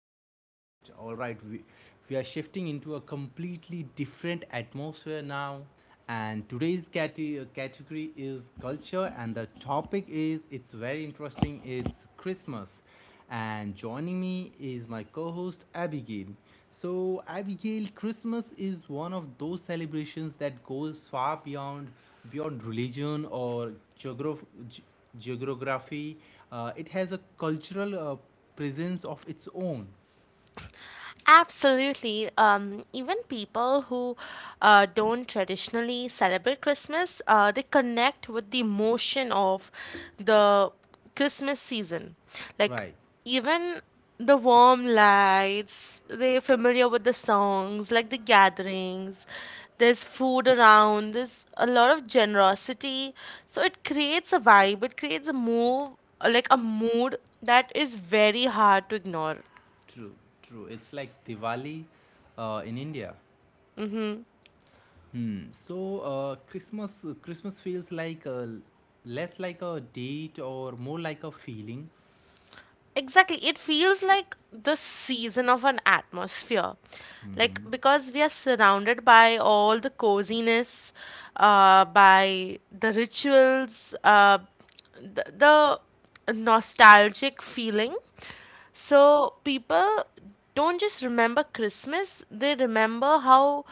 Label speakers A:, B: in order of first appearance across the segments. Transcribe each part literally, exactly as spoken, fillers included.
A: All right, all right, we, we are shifting into a completely different atmosphere now. And today's cate- uh, category is culture, and the topic is, it's very interesting, it's Christmas. And joining me is my co host Abigail. So, Abigail, Christmas is one of those celebrations that goes far beyond beyond religion or geograph- ge- geography. Uh, it has a cultural uh, presence of its own.
B: Absolutely. Um, even people who uh, don't traditionally celebrate Christmas, uh, they connect with the emotion of the Christmas season. Like,
A: Right,
B: even the warm lights, they're familiar with the songs, like the gatherings. There's food around, there's a lot of generosity. So it creates a vibe, it creates a move, like a mood that is very hard to ignore.
A: true, true. It's like Diwali uh, in India.
B: Mm-hmm.
A: Hmm. So uh, Christmas Christmas feels like a, less like a date or more like a feeling.
B: Exactly. It feels like the season of an atmosphere. Like, because we are surrounded by all the coziness, uh, by the rituals, uh, the, the nostalgic feeling. So, people don't just remember Christmas, they remember how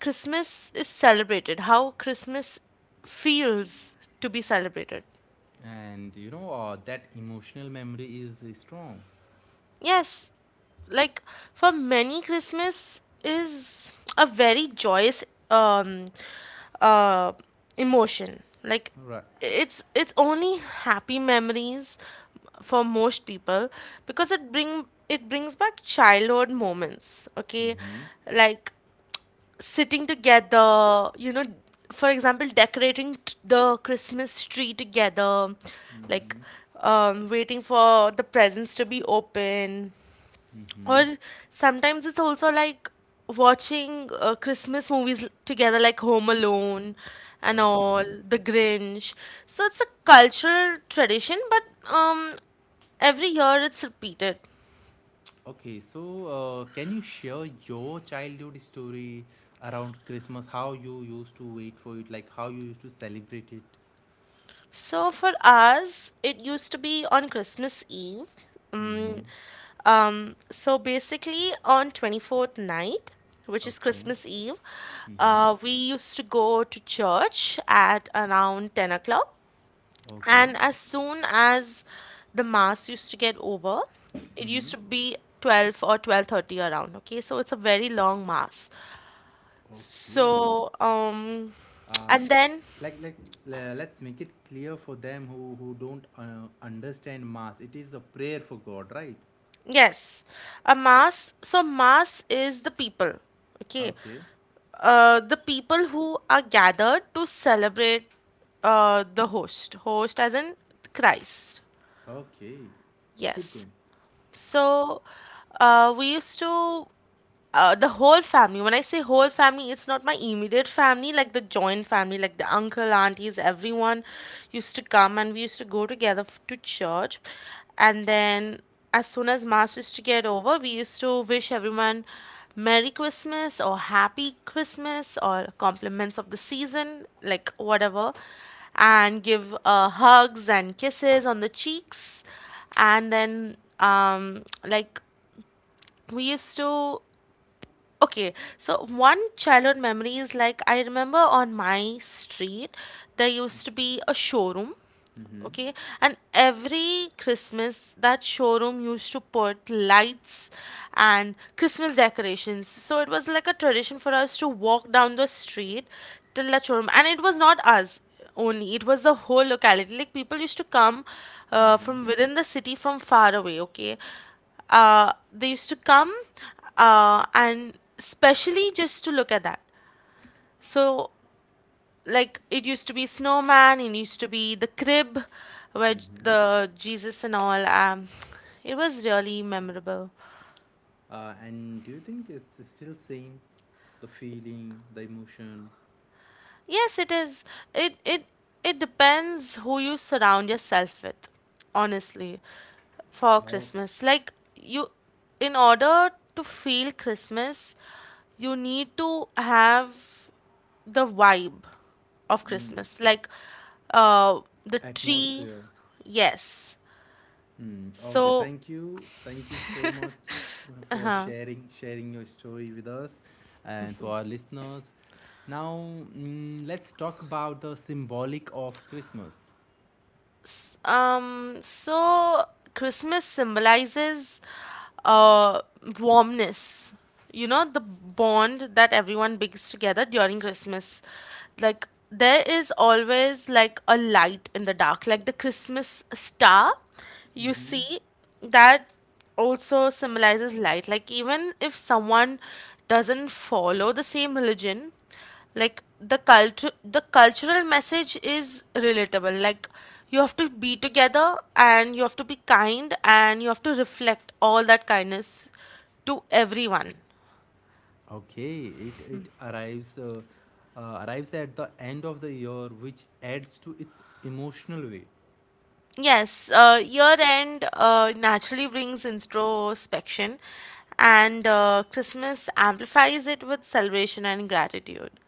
B: Christmas is celebrated, how Christmas feels to be celebrated.
A: And you know uh, That emotional memory is uh, strong.
B: Yes, like for many, Christmas is a very joyous um uh emotion. Like
A: Right.
B: it's it's only happy memories for most people because it bring it brings back childhood moments. Okay,
A: Mm-hmm.
B: like sitting together, you know, for example, decorating t- the Christmas tree together, like
A: Mm-hmm.
B: um, waiting for the presents to be open,
A: Mm-hmm.
B: or sometimes it's also like watching uh, Christmas movies l- together, like Home Alone and all,
A: Okay.
B: The Grinch. So it's a cultural tradition, but um, every year it's repeated.
A: Okay, so uh, can you share your childhood story around Christmas? How you used to wait for it, like how you used to celebrate it.
B: So for us, it used to be on Christmas Eve.
A: Mm-hmm.
B: Mm, um, so basically, on twenty-fourth night, which is
A: Okay.
B: Christmas Eve,
A: Mm-hmm.
B: uh, we used to go to church at around ten o'clock.
A: Okay.
B: And as soon as the mass used to get over, it
A: Mm-hmm.
B: used to be twelve or twelve thirty around, okay? So it's a very long mass.
A: Okay.
B: So um
A: uh,
B: and then
A: like like le- let's make it clear for them, who who don't uh, understand mass, it is a prayer for god, right?
B: Yes, a mass, so mass is the people, okay?
A: Okay.
B: Uh, the people who are gathered to celebrate uh, the host, host as in Christ.
A: Okay. Keep
B: Yes.
A: going.
B: So uh, we used to, uh, the whole family, when I say whole family, it's not my immediate family, like the joint family, like the uncle, aunties, everyone used to come, and we used to go together f- to church, and then as soon as mass used to get over, we used to wish everyone merry Christmas or happy Christmas or compliments of the season, like whatever, and give uh, hugs and kisses on the cheeks. And then um like we used to, okay, so one childhood memory is like, I remember on my street there used to be a showroom,
A: Mm-hmm.
B: okay, and every Christmas that showroom used to put lights and Christmas decorations. So it was like a tradition for us to walk down the street till the showroom, and it was not us only, it was the whole locality, like people used to come uh,
A: Mm-hmm.
B: from within the city, from far away, okay, uh, they used to come uh, and specially just to look at that. So like, it used to be snowman, it used to be the crib where J-
A: Mm-hmm.
B: the Jesus and all, um, it was really memorable.
A: Uh, and do you think it's still same? The feeling, the emotion,
B: Yes, it is. it it it depends who you surround yourself with, honestly. For
A: how?
B: Christmas, like you, in order to feel Christmas, you need to have the vibe of
A: Mm,
B: Christmas, like uh, the tree.
A: atmosphere.
B: Yes,
A: Mm, okay.
B: so.
A: Thank you. Thank you so much uh, for sharing sharing your story with us and for our listeners. Now, mm, let's talk about the symbolic of Christmas.
B: Yes. Um, so Christmas symbolizes uh, warmness. You know, the bond that everyone brings together during Christmas. Like, there is always like a light in the dark, like the Christmas star. You
A: Mm-hmm.
B: see that also symbolizes light. Like, even if someone doesn't follow the same religion, like the culture the cultural message is relatable, like you have to be together and you have to be kind and you have to reflect all that kindness to everyone.
A: Okay, it it arrives uh, uh, arrives at the end of the year, which adds to its emotional weight.
B: Yes, uh, year end uh, naturally brings introspection, and uh, Christmas amplifies it with celebration and gratitude.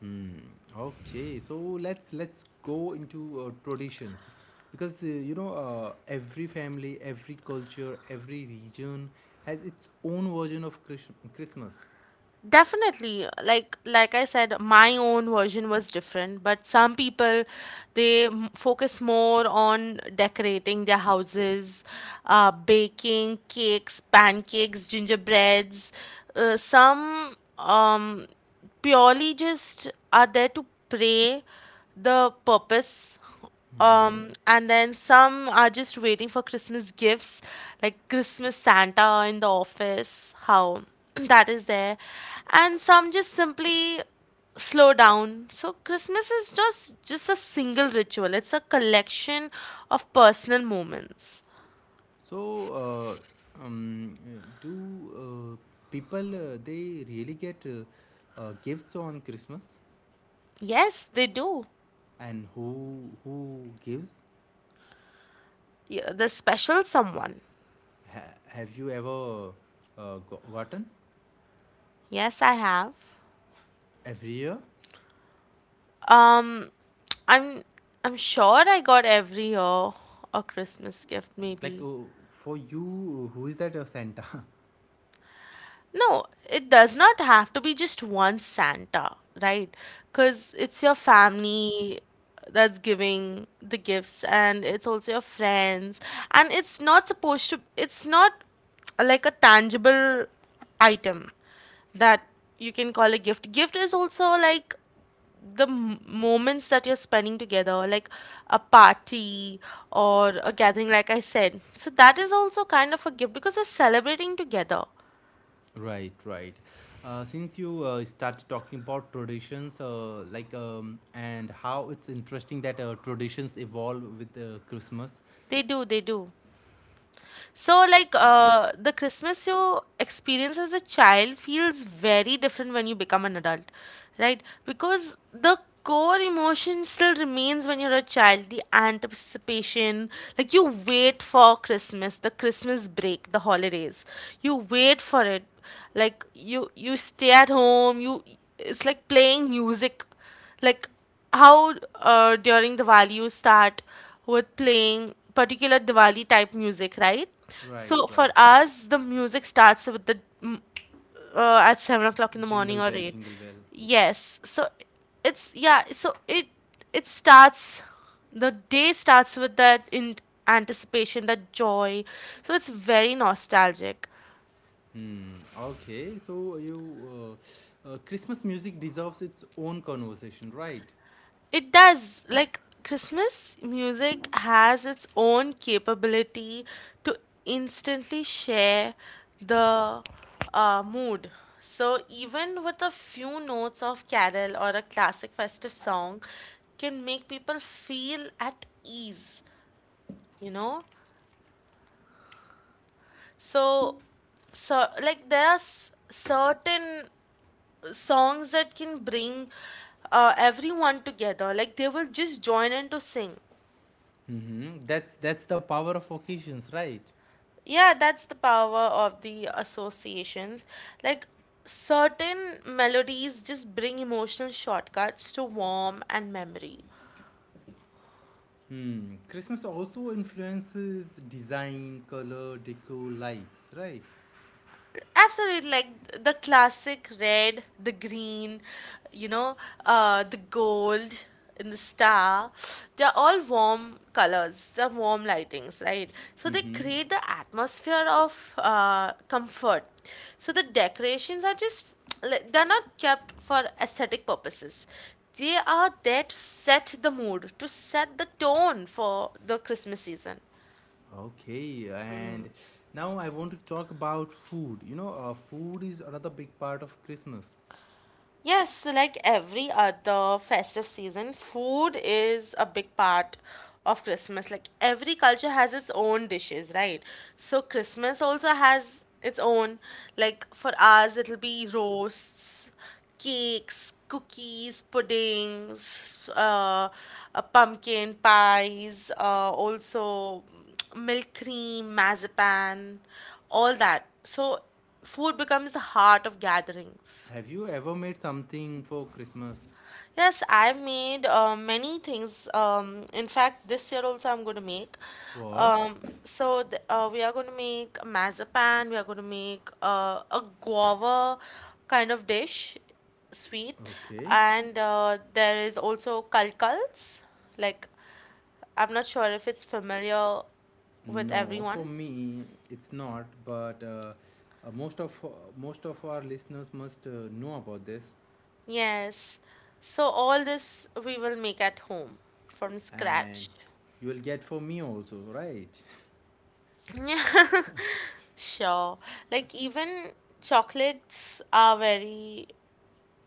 A: Hmm. Okay, so let's let's go into uh, traditions, because uh, you know, uh, every family, every culture, every region has its own version of Chris- Christmas.
B: Definitely, like like I said, my own version was different, but some people, they m- focus more on decorating their houses, uh, baking cakes, pancakes, gingerbreads. Uh, some um, purely just are there to pray the purpose,
A: Mhm.
B: um, and then some are just waiting for Christmas gifts, like Christmas Santa in the office, how that is there. And some just simply slow down. So Christmas is just just a single ritual. It's a collection of personal moments.
A: So, uh, um, uh, do uh, people, uh, they really get uh, uh, gifts on Christmas,
B: Yes, they do.
A: and who who gives?
B: Yeah, the special someone.
A: Ha- have you ever uh, go- gotten
B: Yes, I have.
A: every year?
B: Um, I'm I'm sure I got every year a Christmas gift
A: Like
B: maybe.
A: uh, for you, who is that uh, Santa?
B: No, it does not have to be just one Santa, right? Because it's your family that's giving the gifts, and it's also your friends, and it's not supposed to, it's not like a tangible item that you can call a gift. Gift is also like the m- moments that you're spending together, like a party or a gathering, like I said. So that is also kind of a gift because you're celebrating together.
A: Right, right. Uh, since you uh, started talking about traditions, uh, like um, and how it's interesting that uh, traditions evolve with uh, Christmas.
B: They do, they do. So, like, uh, the Christmas you experience as a child feels very different when you become an adult, right? Because the core emotion still remains. When you're a child, the anticipation, like, you wait for Christmas, the Christmas break, the holidays. You wait for it. Like, you, you stay at home, you, it's like playing music. Like, how uh, during Diwali you start with playing particular Diwali type music, right?
A: Right,
B: So
A: right.
B: for us, the music starts with the mm, uh, at seven o'clock in the
A: Jingle
B: morning or
A: bell,
B: eight.
A: jingle bell.
B: Yes, so it's yeah, so it it starts, the day starts with that in anticipation, that joy. So it's very nostalgic.
A: Hmm. Okay. So you, uh, uh, Christmas music deserves its own conversation, right?
B: It does. Like Christmas music has its own capability to instantly share the uh, mood. So even with a few notes of carol or a classic festive song can make people feel at ease, you know? So so like, there are s- certain songs that can bring uh, everyone together, like they will just join in to sing.
A: Mm-hmm. That's that's the power of occasions, right?
B: Yeah, that's the power of the associations. Like certain melodies just bring emotional shortcuts to warm and memory.
A: Hmm. Christmas also influences design, color, decor, lights, right?
B: Absolutely, like the classic red, the green, you know, uh, the gold and the star. They're all warm colors, they're warm lightings, right? So they
A: Mm-hmm.
B: create the atmosphere of uh, comfort. So the decorations are just, like, they're not kept for aesthetic purposes. They are there to set the mood, to set the tone for the Christmas season.
A: Okay, and now I want to talk about food. You know, uh, food is another big part of Christmas.
B: Yes, like every other festive season, food is a big part of Christmas. Like every culture has its own dishes, right? So Christmas also has its own. Like for us, it'll be roasts, cakes, cookies, puddings, uh, uh, pumpkin pies, uh, also milk cream, marzipan, all that. So food becomes the heart of gatherings.
A: Have you ever made something for Christmas?
B: Yes, I made uh, many things. Um, in fact, this year also I'm going to make.
A: What?
B: Um, so th uh, we are going to make a mazapan. We are going to make uh, a guava kind of dish, sweet,
A: Okay.
B: and uh, there is also kalkals. Like, I'm not sure if it's familiar with
A: No, for
B: everyone.
A: me it's not. But uh, uh, most of uh, most of our listeners must uh, know about this.
B: Yes. So all this we will make at home from
A: And
B: scratch.
A: you will get for me also, right?
B: Yeah. Sure. Like even chocolates are very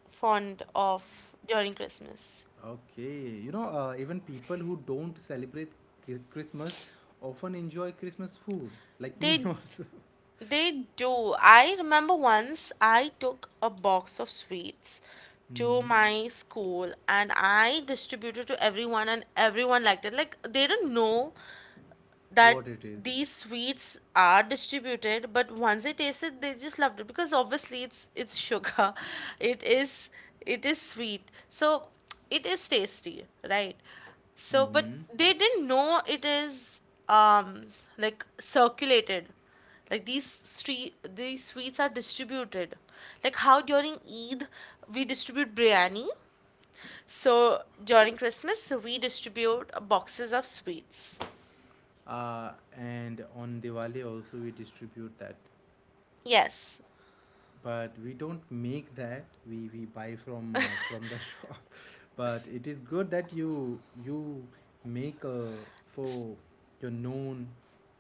B: fond of during Christmas.
A: Okay, you know, uh, even people who don't celebrate Chri- Christmas often enjoy Christmas food, like me
B: They
A: also.
B: they do. I remember once I took a box of sweets to
A: Hmm.
B: my school and I distributed to everyone and everyone liked it. Like they didn't know that
A: What it is.
B: these sweets are distributed, but once they taste it they just loved it because obviously it's it's sugar. it is it is sweet, so it is tasty, right? So
A: Mm-hmm.
B: but they didn't know it is, um, like circulated, like these street these sweets are distributed, like how during Eid we distribute biryani, so during Christmas we distribute boxes of sweets.
A: Uh, and on Diwali also we distribute that,
B: Yes.
A: but we don't make that. We we buy from uh, from the shop. But it is good that you you make uh, for your known,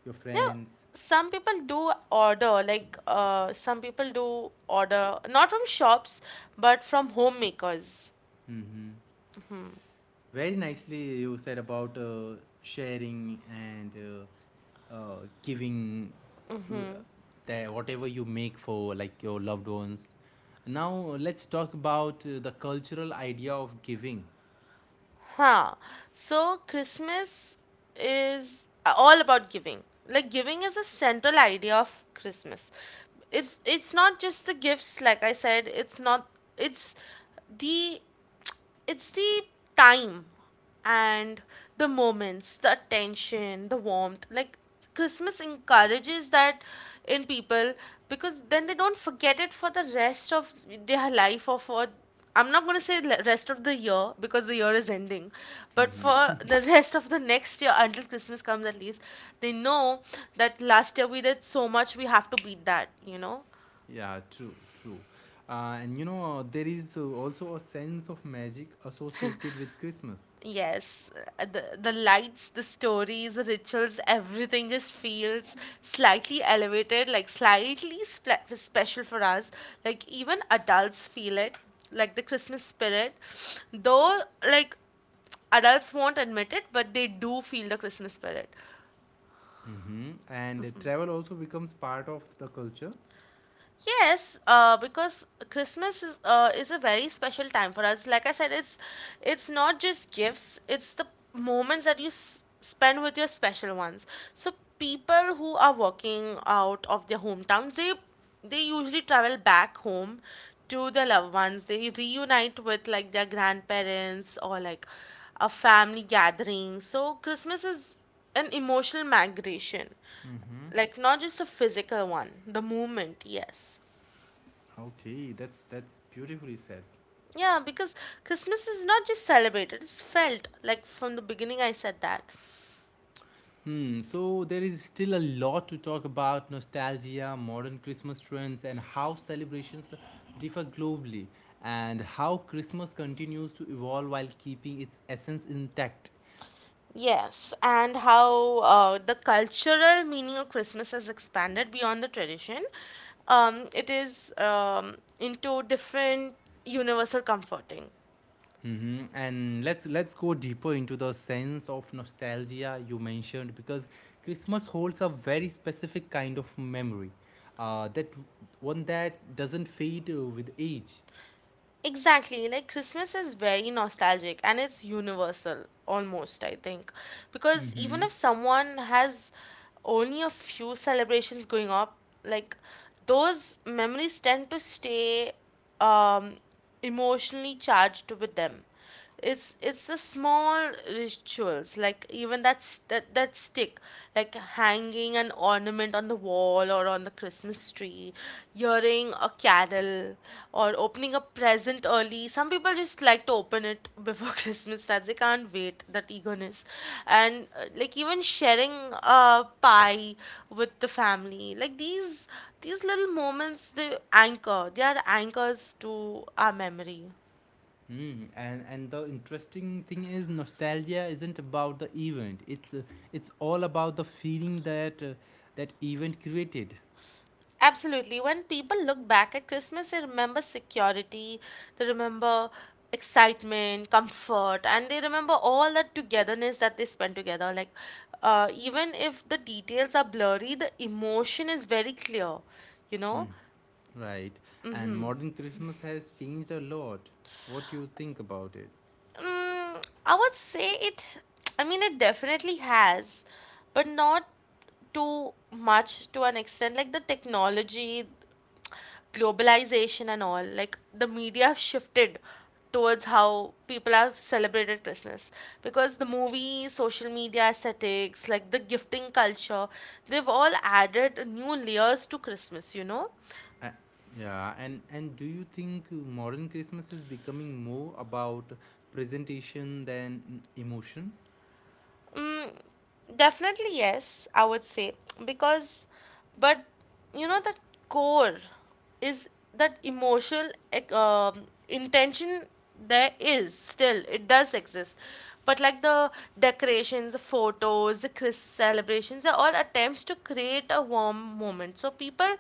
A: your
B: No,
A: friends.
B: some people do order, like uh, some people do order not from shops but from homemakers.
A: Mm-hmm. Very nicely you said about uh, sharing and uh, uh, giving w- the, whatever you make for like your loved ones. Now let's talk about uh, the cultural idea of giving.
B: Huh. So Christmas is uh, all about giving. Like giving is a central idea of Christmas. It's it's not just the gifts, like I said, it's not it's the it's the time and the moments, the attention, the warmth. Like Christmas encourages that in people, because then they don't forget it for the rest of their life, or for, I'm not going to say le- rest of the year because the year is ending, but for
A: Hmm.
B: the rest of the next year until Christmas comes at least, they know that last year we did so much, we have to beat that, you know?
A: Yeah, true, true. Uh, and you know there is uh, also a sense of magic associated with Christmas.
B: Yes, uh, the the lights, the stories, the rituals, everything just feels slightly elevated, like slightly spe- special for us. Like even adults feel it, like the Christmas spirit. Though, like, adults won't admit it, but they do feel the Christmas spirit.
A: Hmm. And uh, travel also becomes part of the culture.
B: Yes, uh, because Christmas is uh, is a very special time for us. Like I said, it's it's not just gifts; it's the moments that you s- spend with your special ones. So people who are working out of their hometowns, they they usually travel back home to their loved ones. They reunite with like their grandparents or like a family gathering. So Christmas is an emotional migration,
A: Hmm.
B: like not just a physical one, the movement, yes.
A: Okay, that's that's beautifully said.
B: Yeah, because Christmas is not just celebrated, it's felt, like from the beginning I said that.
A: Hmm, so there is still a lot to talk about nostalgia, modern Christmas trends, and how celebrations differ globally, and how Christmas continues to evolve while keeping its essence intact.
B: Yes, and how uh, the cultural meaning of Christmas has expanded beyond the tradition, um, it is, um, into different universal comforting.
A: Mm-hmm. And let's let's go deeper into the sense of nostalgia you mentioned, because Christmas holds a very specific kind of memory, uh, that one that doesn't fade uh, with age.
B: Exactly, like Christmas is very nostalgic and it's universal almost, I think. Because even
A: Mm-hmm.
B: if someone has only a few celebrations going up, like those memories tend to stay, um, emotionally charged with them. It's it's the small rituals, like even that's that that stick, like hanging an ornament on the wall or on the Christmas tree, hearing a carol, or opening a present early. Some people just like to open it before Christmas starts. They can't wait, that eagerness. And uh, like even sharing a pie with the family, like these these little moments, they anchor they are anchors to our memory.
A: Mm, and and the interesting thing is nostalgia isn't about the event. It's uh, it's all about the feeling that uh, that event created.
B: Absolutely. When people look back at Christmas, they remember security, they remember excitement, comfort, and they remember all that togetherness that they spent together. Like, uh, even if the details are blurry, the emotion is very clear, you know?
A: Mm, right. And modern Christmas has changed a lot. What do you think about it?
B: Mm, I would say it, I mean, it definitely has, but not too much to an extent. Like the technology, globalization, and all, like the media have shifted towards how people have celebrated Christmas. Because the movies, social media aesthetics, like the gifting culture, they've all added new layers to Christmas, you know?
A: Uh, yeah. And and do you think modern Christmas is becoming more about presentation than emotion?
B: Mm, Definitely yes, I would say, because, but you know that core is that emotional ec- um, intention, there is still, it does exist, but like the decorations, the photos, the Chris celebrations are all attempts to create a warm moment. So people,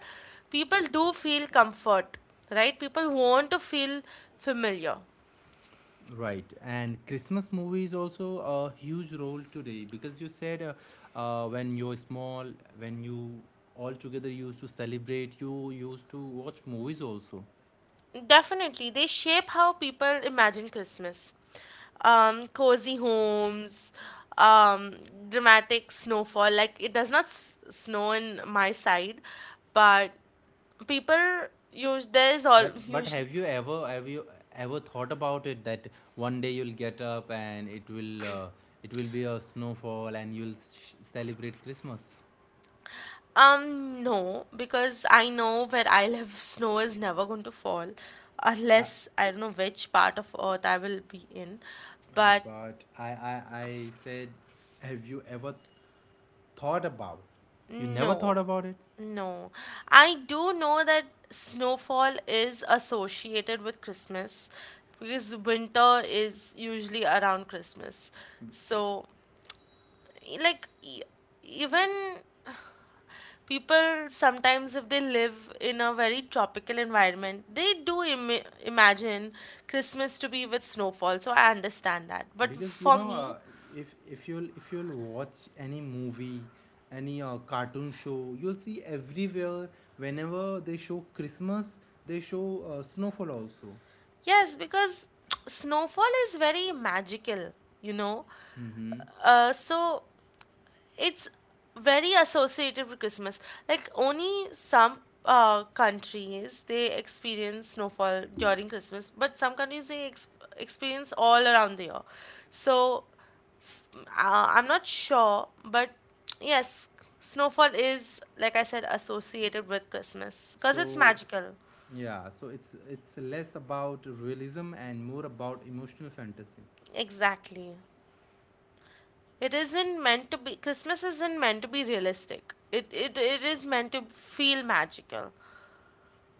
B: people do feel comfort, right? People want to feel familiar.
A: Right, and Christmas movies also a huge role today, because you said uh, uh, when you're small, when you all together used to celebrate, you used to watch movies also.
B: Definitely, they shape how people imagine Christmas. Um, cozy homes, um, dramatic snowfall. Like it does not s- snow in my side, but people use, there is all
A: But but
B: usually.
A: have you ever, have you ever thought about it, that one day you'll get up and it will uh, it will be a snowfall and you'll sh- celebrate Christmas?
B: Um, no, because I know where I live, snow is never going to fall,
A: Uh,
B: unless I don't know which part of Earth I will be in,
A: uh,
B: but.
A: but I, I I said, have you ever thought about? You never
B: No,
A: thought about it?
B: no. I do know that snowfall is associated with Christmas because winter is usually around Christmas. So, e- like, e- even people sometimes, if they live in a very tropical environment, they do Im- imagine Christmas to be with snowfall. So, I understand that. But
A: Because you
B: for
A: know,
B: me,
A: uh, if if you'll if you'll watch any movie, any uh, cartoon show, you'll see everywhere whenever they show Christmas, they show uh, snowfall also.
B: yes, because snowfall is very magical, you know.
A: Mm-hmm.
B: Uh, so it's very associated with Christmas. Like only some uh, countries they experience snowfall during Christmas, but some countries they ex- experience all around the year. So, mm, uh, I'm not sure, but yes, snowfall is, like I said, associated with Christmas because it's
A: So
B: magical.
A: yeah, so it's it's less about realism and more about emotional fantasy.
B: Exactly. It isn't meant to be Christmas isn't meant to be realistic. It it, it is meant to feel magical.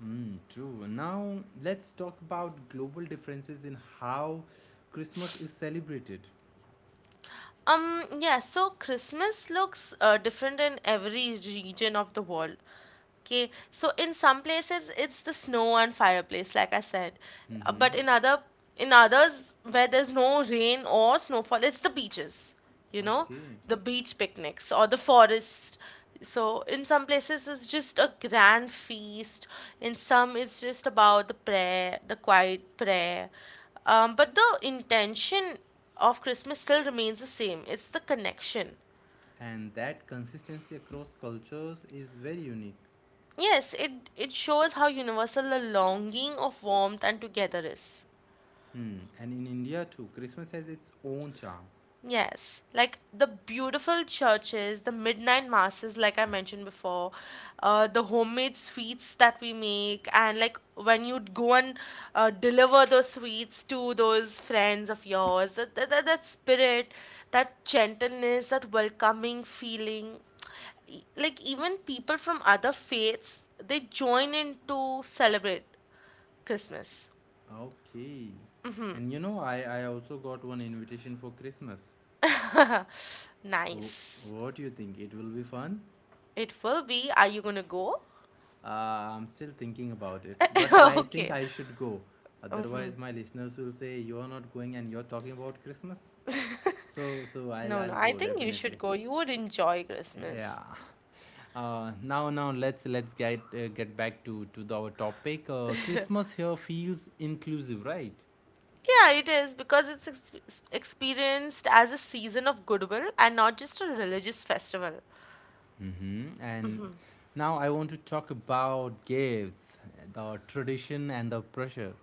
A: Mm, true. Now let's talk about global differences in how Christmas is celebrated.
B: Um, yeah, so Christmas looks uh, different in every region of the world. Okay, so in some places it's the snow and fireplace, like I said. Uh,
A: Mm-hmm.
B: but in other in others, where there's no rain or snowfall, it's the beaches, you know,
A: Okay.
B: the beach picnics or the forest. So, in some places, it's just a grand feast. In some, it's just about the prayer, the quiet prayer. Um, but the intention of Christmas still remains the same, it's the connection.
A: And that consistency across cultures is very unique.
B: Yes, it, it shows how universal the longing of warmth and together is.
A: Hmm. And in India too, Christmas has its own charm.
B: Yes, like the beautiful churches, the midnight masses, like I mentioned before, uh, the homemade sweets that we make, and like when you'd go and uh, deliver those sweets to those friends of yours, that, that, that that spirit, that gentleness, that welcoming feeling. E- like even people from other faiths, they join in to celebrate Christmas.
A: Okay. And you know, I, I also got one invitation for Christmas. Oh,
B: Nice.
A: what do you think? It will be fun?
B: It will be. Are you gonna go?
A: Uh, I'm still thinking about it, but I think
B: Okay.
A: I should go.
B: Hmm.
A: Otherwise, my listeners will say you are not going and you're talking about Christmas. So, so I'll
B: No, no.
A: I'll
B: I
A: go
B: think you should
A: definitely.
B: go. You would enjoy
A: Yeah.
B: Christmas.
A: Uh, now, now let's let's get uh, get back to to the, our topic. Uh, Christmas here feels inclusive, right?
B: Yeah, it is, because it's ex- experienced as a season of goodwill and not just a religious festival.
A: Hmm. And now I want to talk about gifts, the tradition and the pressure.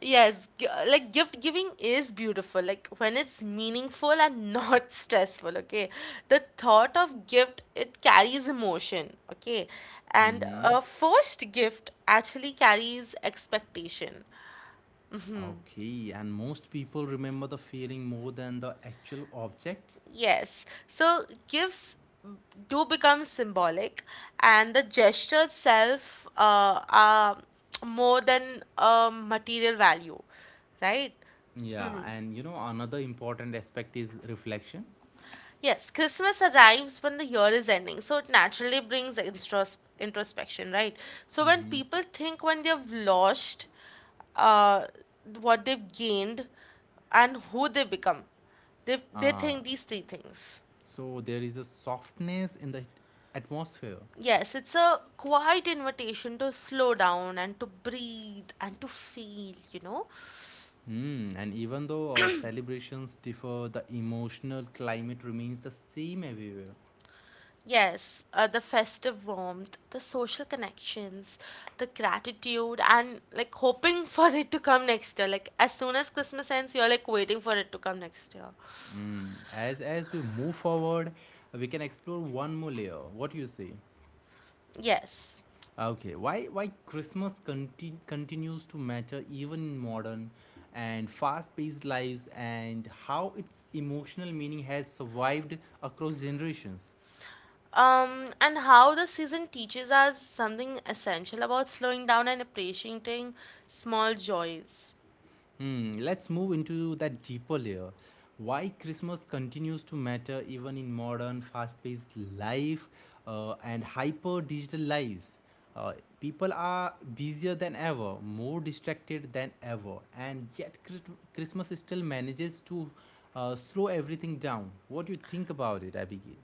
B: Yes, g- like gift giving is beautiful, like when it's meaningful and not stressful, okay? The thought of gift, it carries emotion, okay? And
A: Hmm.
B: a first gift actually carries expectation.
A: Okay, and most people remember the feeling more than the actual object.
B: Yes. So gifts do become symbolic, and the gesture itself uh, are more than a material value, right?
A: Yeah, and you know another important aspect is reflection.
B: Yes, Christmas arrives when the year is ending, so it naturally brings intros- introspection, right? So when
A: Mm-hmm.
B: people think when they've lost, uh, what they've gained, and who they become, they they
A: Uh,
B: think these three things.
A: so there is a softness in the atmosphere.
B: Yes, it's a quiet invitation to slow down and to breathe and to feel, you know.
A: Hmm, and even though uh, celebrations differ, the emotional climate remains the same everywhere.
B: Yes, uh, the festive warmth, the social connections, the gratitude, and like hoping for it to come next year. Like, as soon as Christmas ends, you're like waiting for it to come next year.
A: Hmm. As as we move forward, we can explore one more layer. What do you say?
B: Yes.
A: Okay, why why Christmas conti- continues to matter even in modern and fast-paced lives, and how its emotional meaning has survived across generations.
B: Um, and how the season teaches us something essential about slowing down and appreciating small joys.
A: Hmm, let's move into that deeper layer. Why Christmas continues to matter even in modern, fast paced life, uh, and hyper digital lives. Uh, people are busier than ever, more distracted than ever, and yet Chri- Christmas still manages to uh, slow everything down. What do you think about it, Abigail?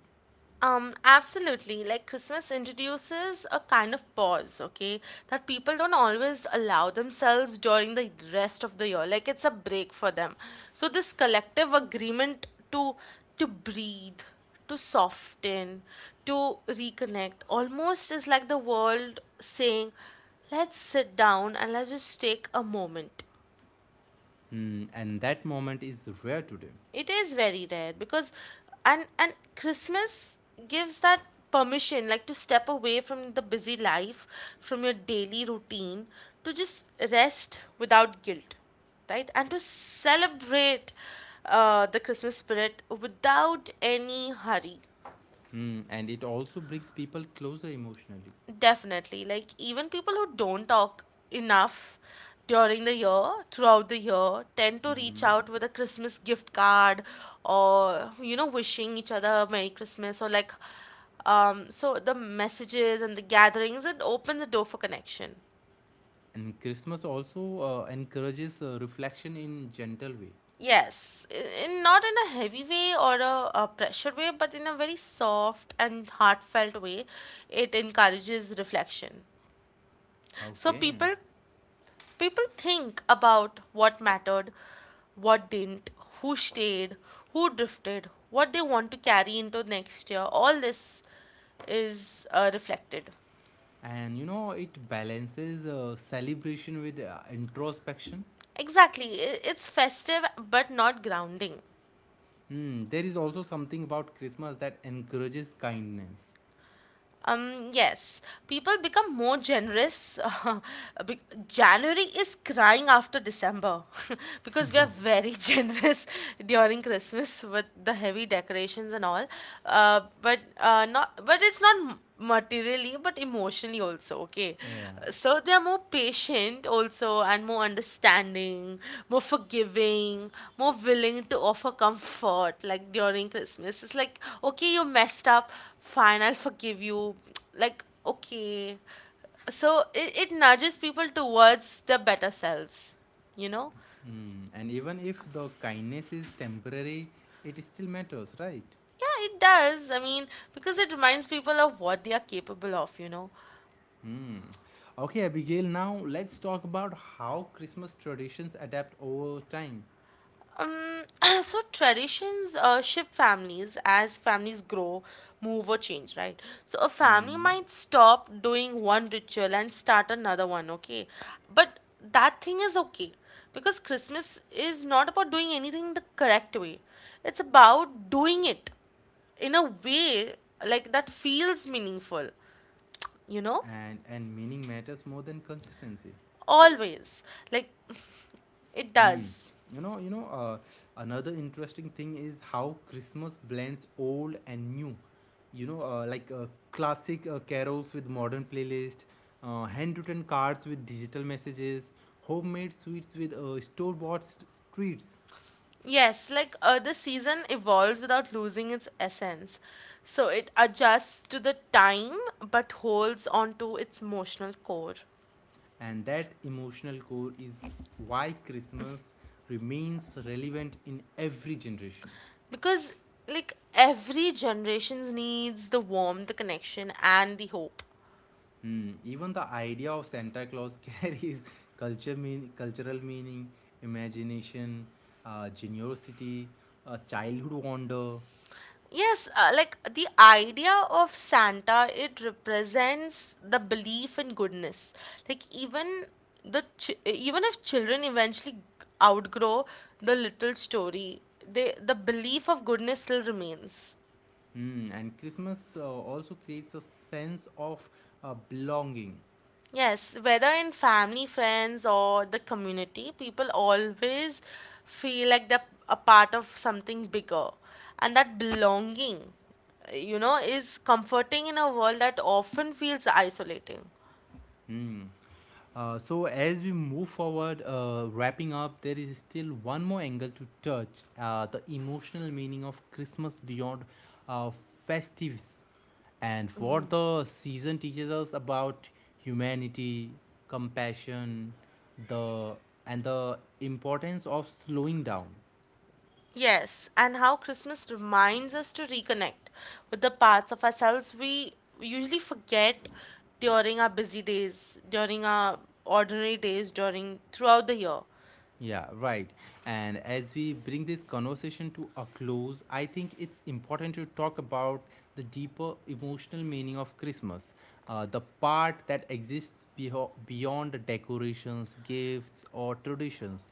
B: Um, absolutely. Like Christmas introduces a kind of pause, okay, that people don't always allow themselves during the rest of the year. Like, it's a break for them. So this collective agreement to to breathe, to soften, to reconnect almost is like the world saying, let's sit down and let's just take a moment.
A: Hmm, and that moment is rare today.
B: It is very rare, because and and Christmas gives that permission, like to step away from the busy life, from your daily routine, to just rest without guilt, right? And to celebrate uh, the Christmas spirit without any hurry.
A: Hmm, and it also brings people closer emotionally.
B: Definitely. Like, even people who don't talk enough during the year, throughout the year, tend to reach out with a Christmas gift card or, you know, wishing each other Merry Christmas, or like, um, so the messages and the gatherings, it opens the door for connection.
A: And Christmas also uh, encourages uh, reflection in gentle way.
B: Yes, in, in not in a heavy way or a, a pressure way, but in a very soft and heartfelt way, it encourages reflection. So
A: Okay.
B: people people think about what mattered, what didn't, who stayed, who drifted, what they want to carry into next year. All this is uh, reflected.
A: And you know, it balances uh, celebration with uh, introspection.
B: Exactly. I- It's festive but not grounding.
A: Hmm, there is also something about Christmas that encourages kindness.
B: Um, yes, people become more generous. Uh, Be- January is crying after December because we are very generous during Christmas with the heavy decorations and all. Uh, but uh, not, but it's not m- materially, but emotionally also. Okay,
A: Yeah.
B: so they are more patient also, and more understanding, more forgiving, more willing to offer comfort. Like, during Christmas it's like, okay, you messed up, fine, I'll forgive you. Like, okay. So it, it nudges people towards their better selves you know
A: Hmm. And even if the kindness is temporary, it still matters, right?
B: yeah, it does. I mean, because it reminds people of what they are capable of you know
A: Hmm. Okay, Abigail, now let's talk about how Christmas traditions adapt over time.
B: Um, so traditions uh, shift families, as families grow, move, or change, right? So a family
A: Hmm.
B: might stop doing one ritual and start another one, okay? But that thing is okay, because Christmas is not about doing anything the correct way, it's about doing it in a way, like, that feels meaningful, you know?
A: And, and meaning matters more than consistency.
B: Always. Like, it
A: Hmm.
B: does.
A: You know, you know, uh, another interesting thing is how Christmas blends old and new. You know, uh, like uh, classic uh, carols with modern playlist, uh, handwritten cards with digital messages, homemade sweets with uh, store-bought st- treats,
B: Yes, like uh, the season evolves without losing its essence. So it adjusts to the time but holds on to its emotional core.
A: and that emotional core is why Christmas remains relevant in every generation.
B: Because, like, every generation's needs the warmth, the connection, and the hope.
A: Hmm, even the idea of Santa Claus carries culture mean, cultural meaning, imagination, uh, generosity, uh, childhood wonder.
B: Yes, uh, like the idea of Santa, it represents the belief in goodness. Like even the ch even if children eventually g- outgrow the little story, they the belief of goodness still remains.
A: Hmm, and Christmas uh, also creates a sense of uh, belonging.
B: Yes, whether in family, friends, or the community, people always feel like they're a part of something bigger, and that belonging, you know, is comforting in a world that often feels isolating.
A: Hmm. Uh, so, as we move forward, uh, wrapping up, there is still one more angle to touch uh, the emotional meaning of Christmas beyond uh, festives. And what the season teaches us about humanity, compassion, the and the importance of slowing down.
B: Yes, and how Christmas reminds us to reconnect with the parts of ourselves we usually forget during our busy days, during our ordinary days, during throughout the year.
A: Yeah, right. And as we bring this conversation to a close, I think it's important to talk about the deeper emotional meaning of Christmas, uh, the part that exists beho- beyond the decorations, gifts, or traditions.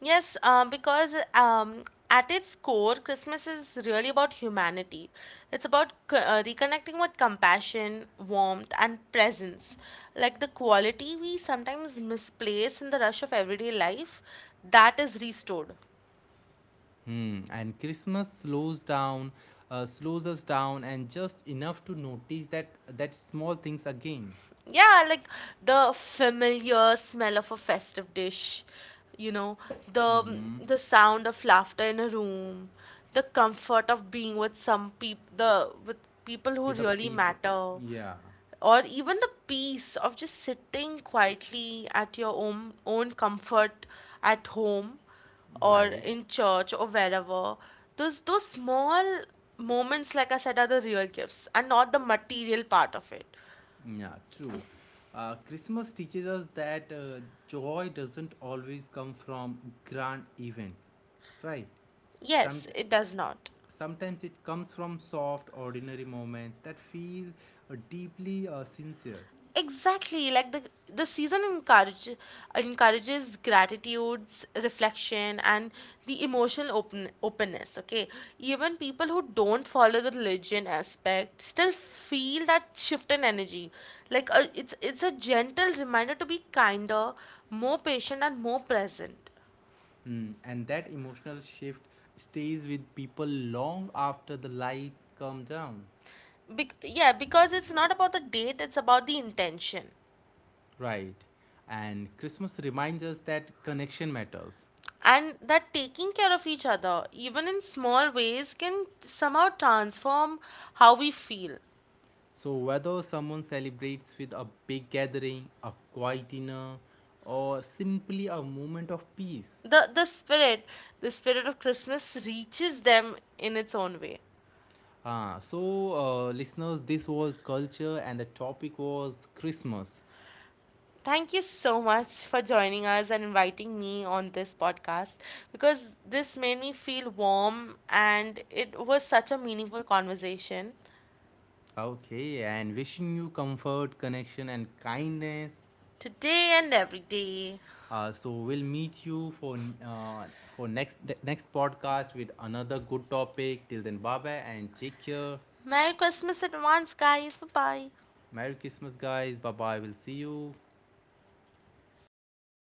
B: Yes, uh, because um, at its core, Christmas is really about humanity. It's about c- uh, reconnecting with compassion, warmth, and presence. Like the quality we sometimes misplace in the rush of everyday life, that is restored.
A: Hmm. And Christmas slows down, uh, slows us down, and just enough to notice that that small things again.
B: Yeah, like the familiar smell of a festive dish, you know, the
A: Mm-hmm.
B: the sound of laughter in a room, the comfort of being with some people, the with people who
A: With the
B: really
A: people.
B: matter,
A: Yeah.
B: or even the peace of just sitting quietly at your own own comfort at home or
A: Right.
B: in church or wherever. Those those small moments, like I said, are the real gifts and not the material part of it.
A: Yeah. True. Uh, Christmas teaches us that uh, joy doesn't always come from grand events. Right. Some
B: Yes, it does not.
A: Sometimes it comes from soft, ordinary moments that feel uh, deeply uh, sincere.
B: Exactly, like the the season encourage, encourages gratitudes, reflection, and the emotional open openness. Okay, even people who don't follow the religion aspect still feel that shift in energy. Like, uh, it's it's a gentle reminder to be kinder, more patient, and more present.
A: Hmm, and that emotional shift stays with people long after the lights come down.
B: Bec Yeah, because it's not about the date; it's about the intention.
A: Right. And Christmas reminds us that connection matters.
B: And that taking care of each other, even in small ways, can somehow transform how we feel.
A: So, whether someone celebrates with a big gathering, a quiet dinner, or simply a moment of peace.
B: The, the spirit, the spirit of Christmas reaches them in its own way.
A: Ah, so, uh, listeners, this was culture, and the topic was Christmas.
B: Thank you so much for joining us and inviting me on this podcast, because this made me feel warm and it was such a meaningful conversation,
A: Okay, and wishing you comfort, connection, and kindness.
B: today and every day.
A: Uh, so we'll meet you for uh, for next the next podcast with another good topic. Till then, bye bye and take care.
B: Merry Christmas in advance, guys. Bye bye.
A: Merry Christmas, guys. Bye bye. We'll see you.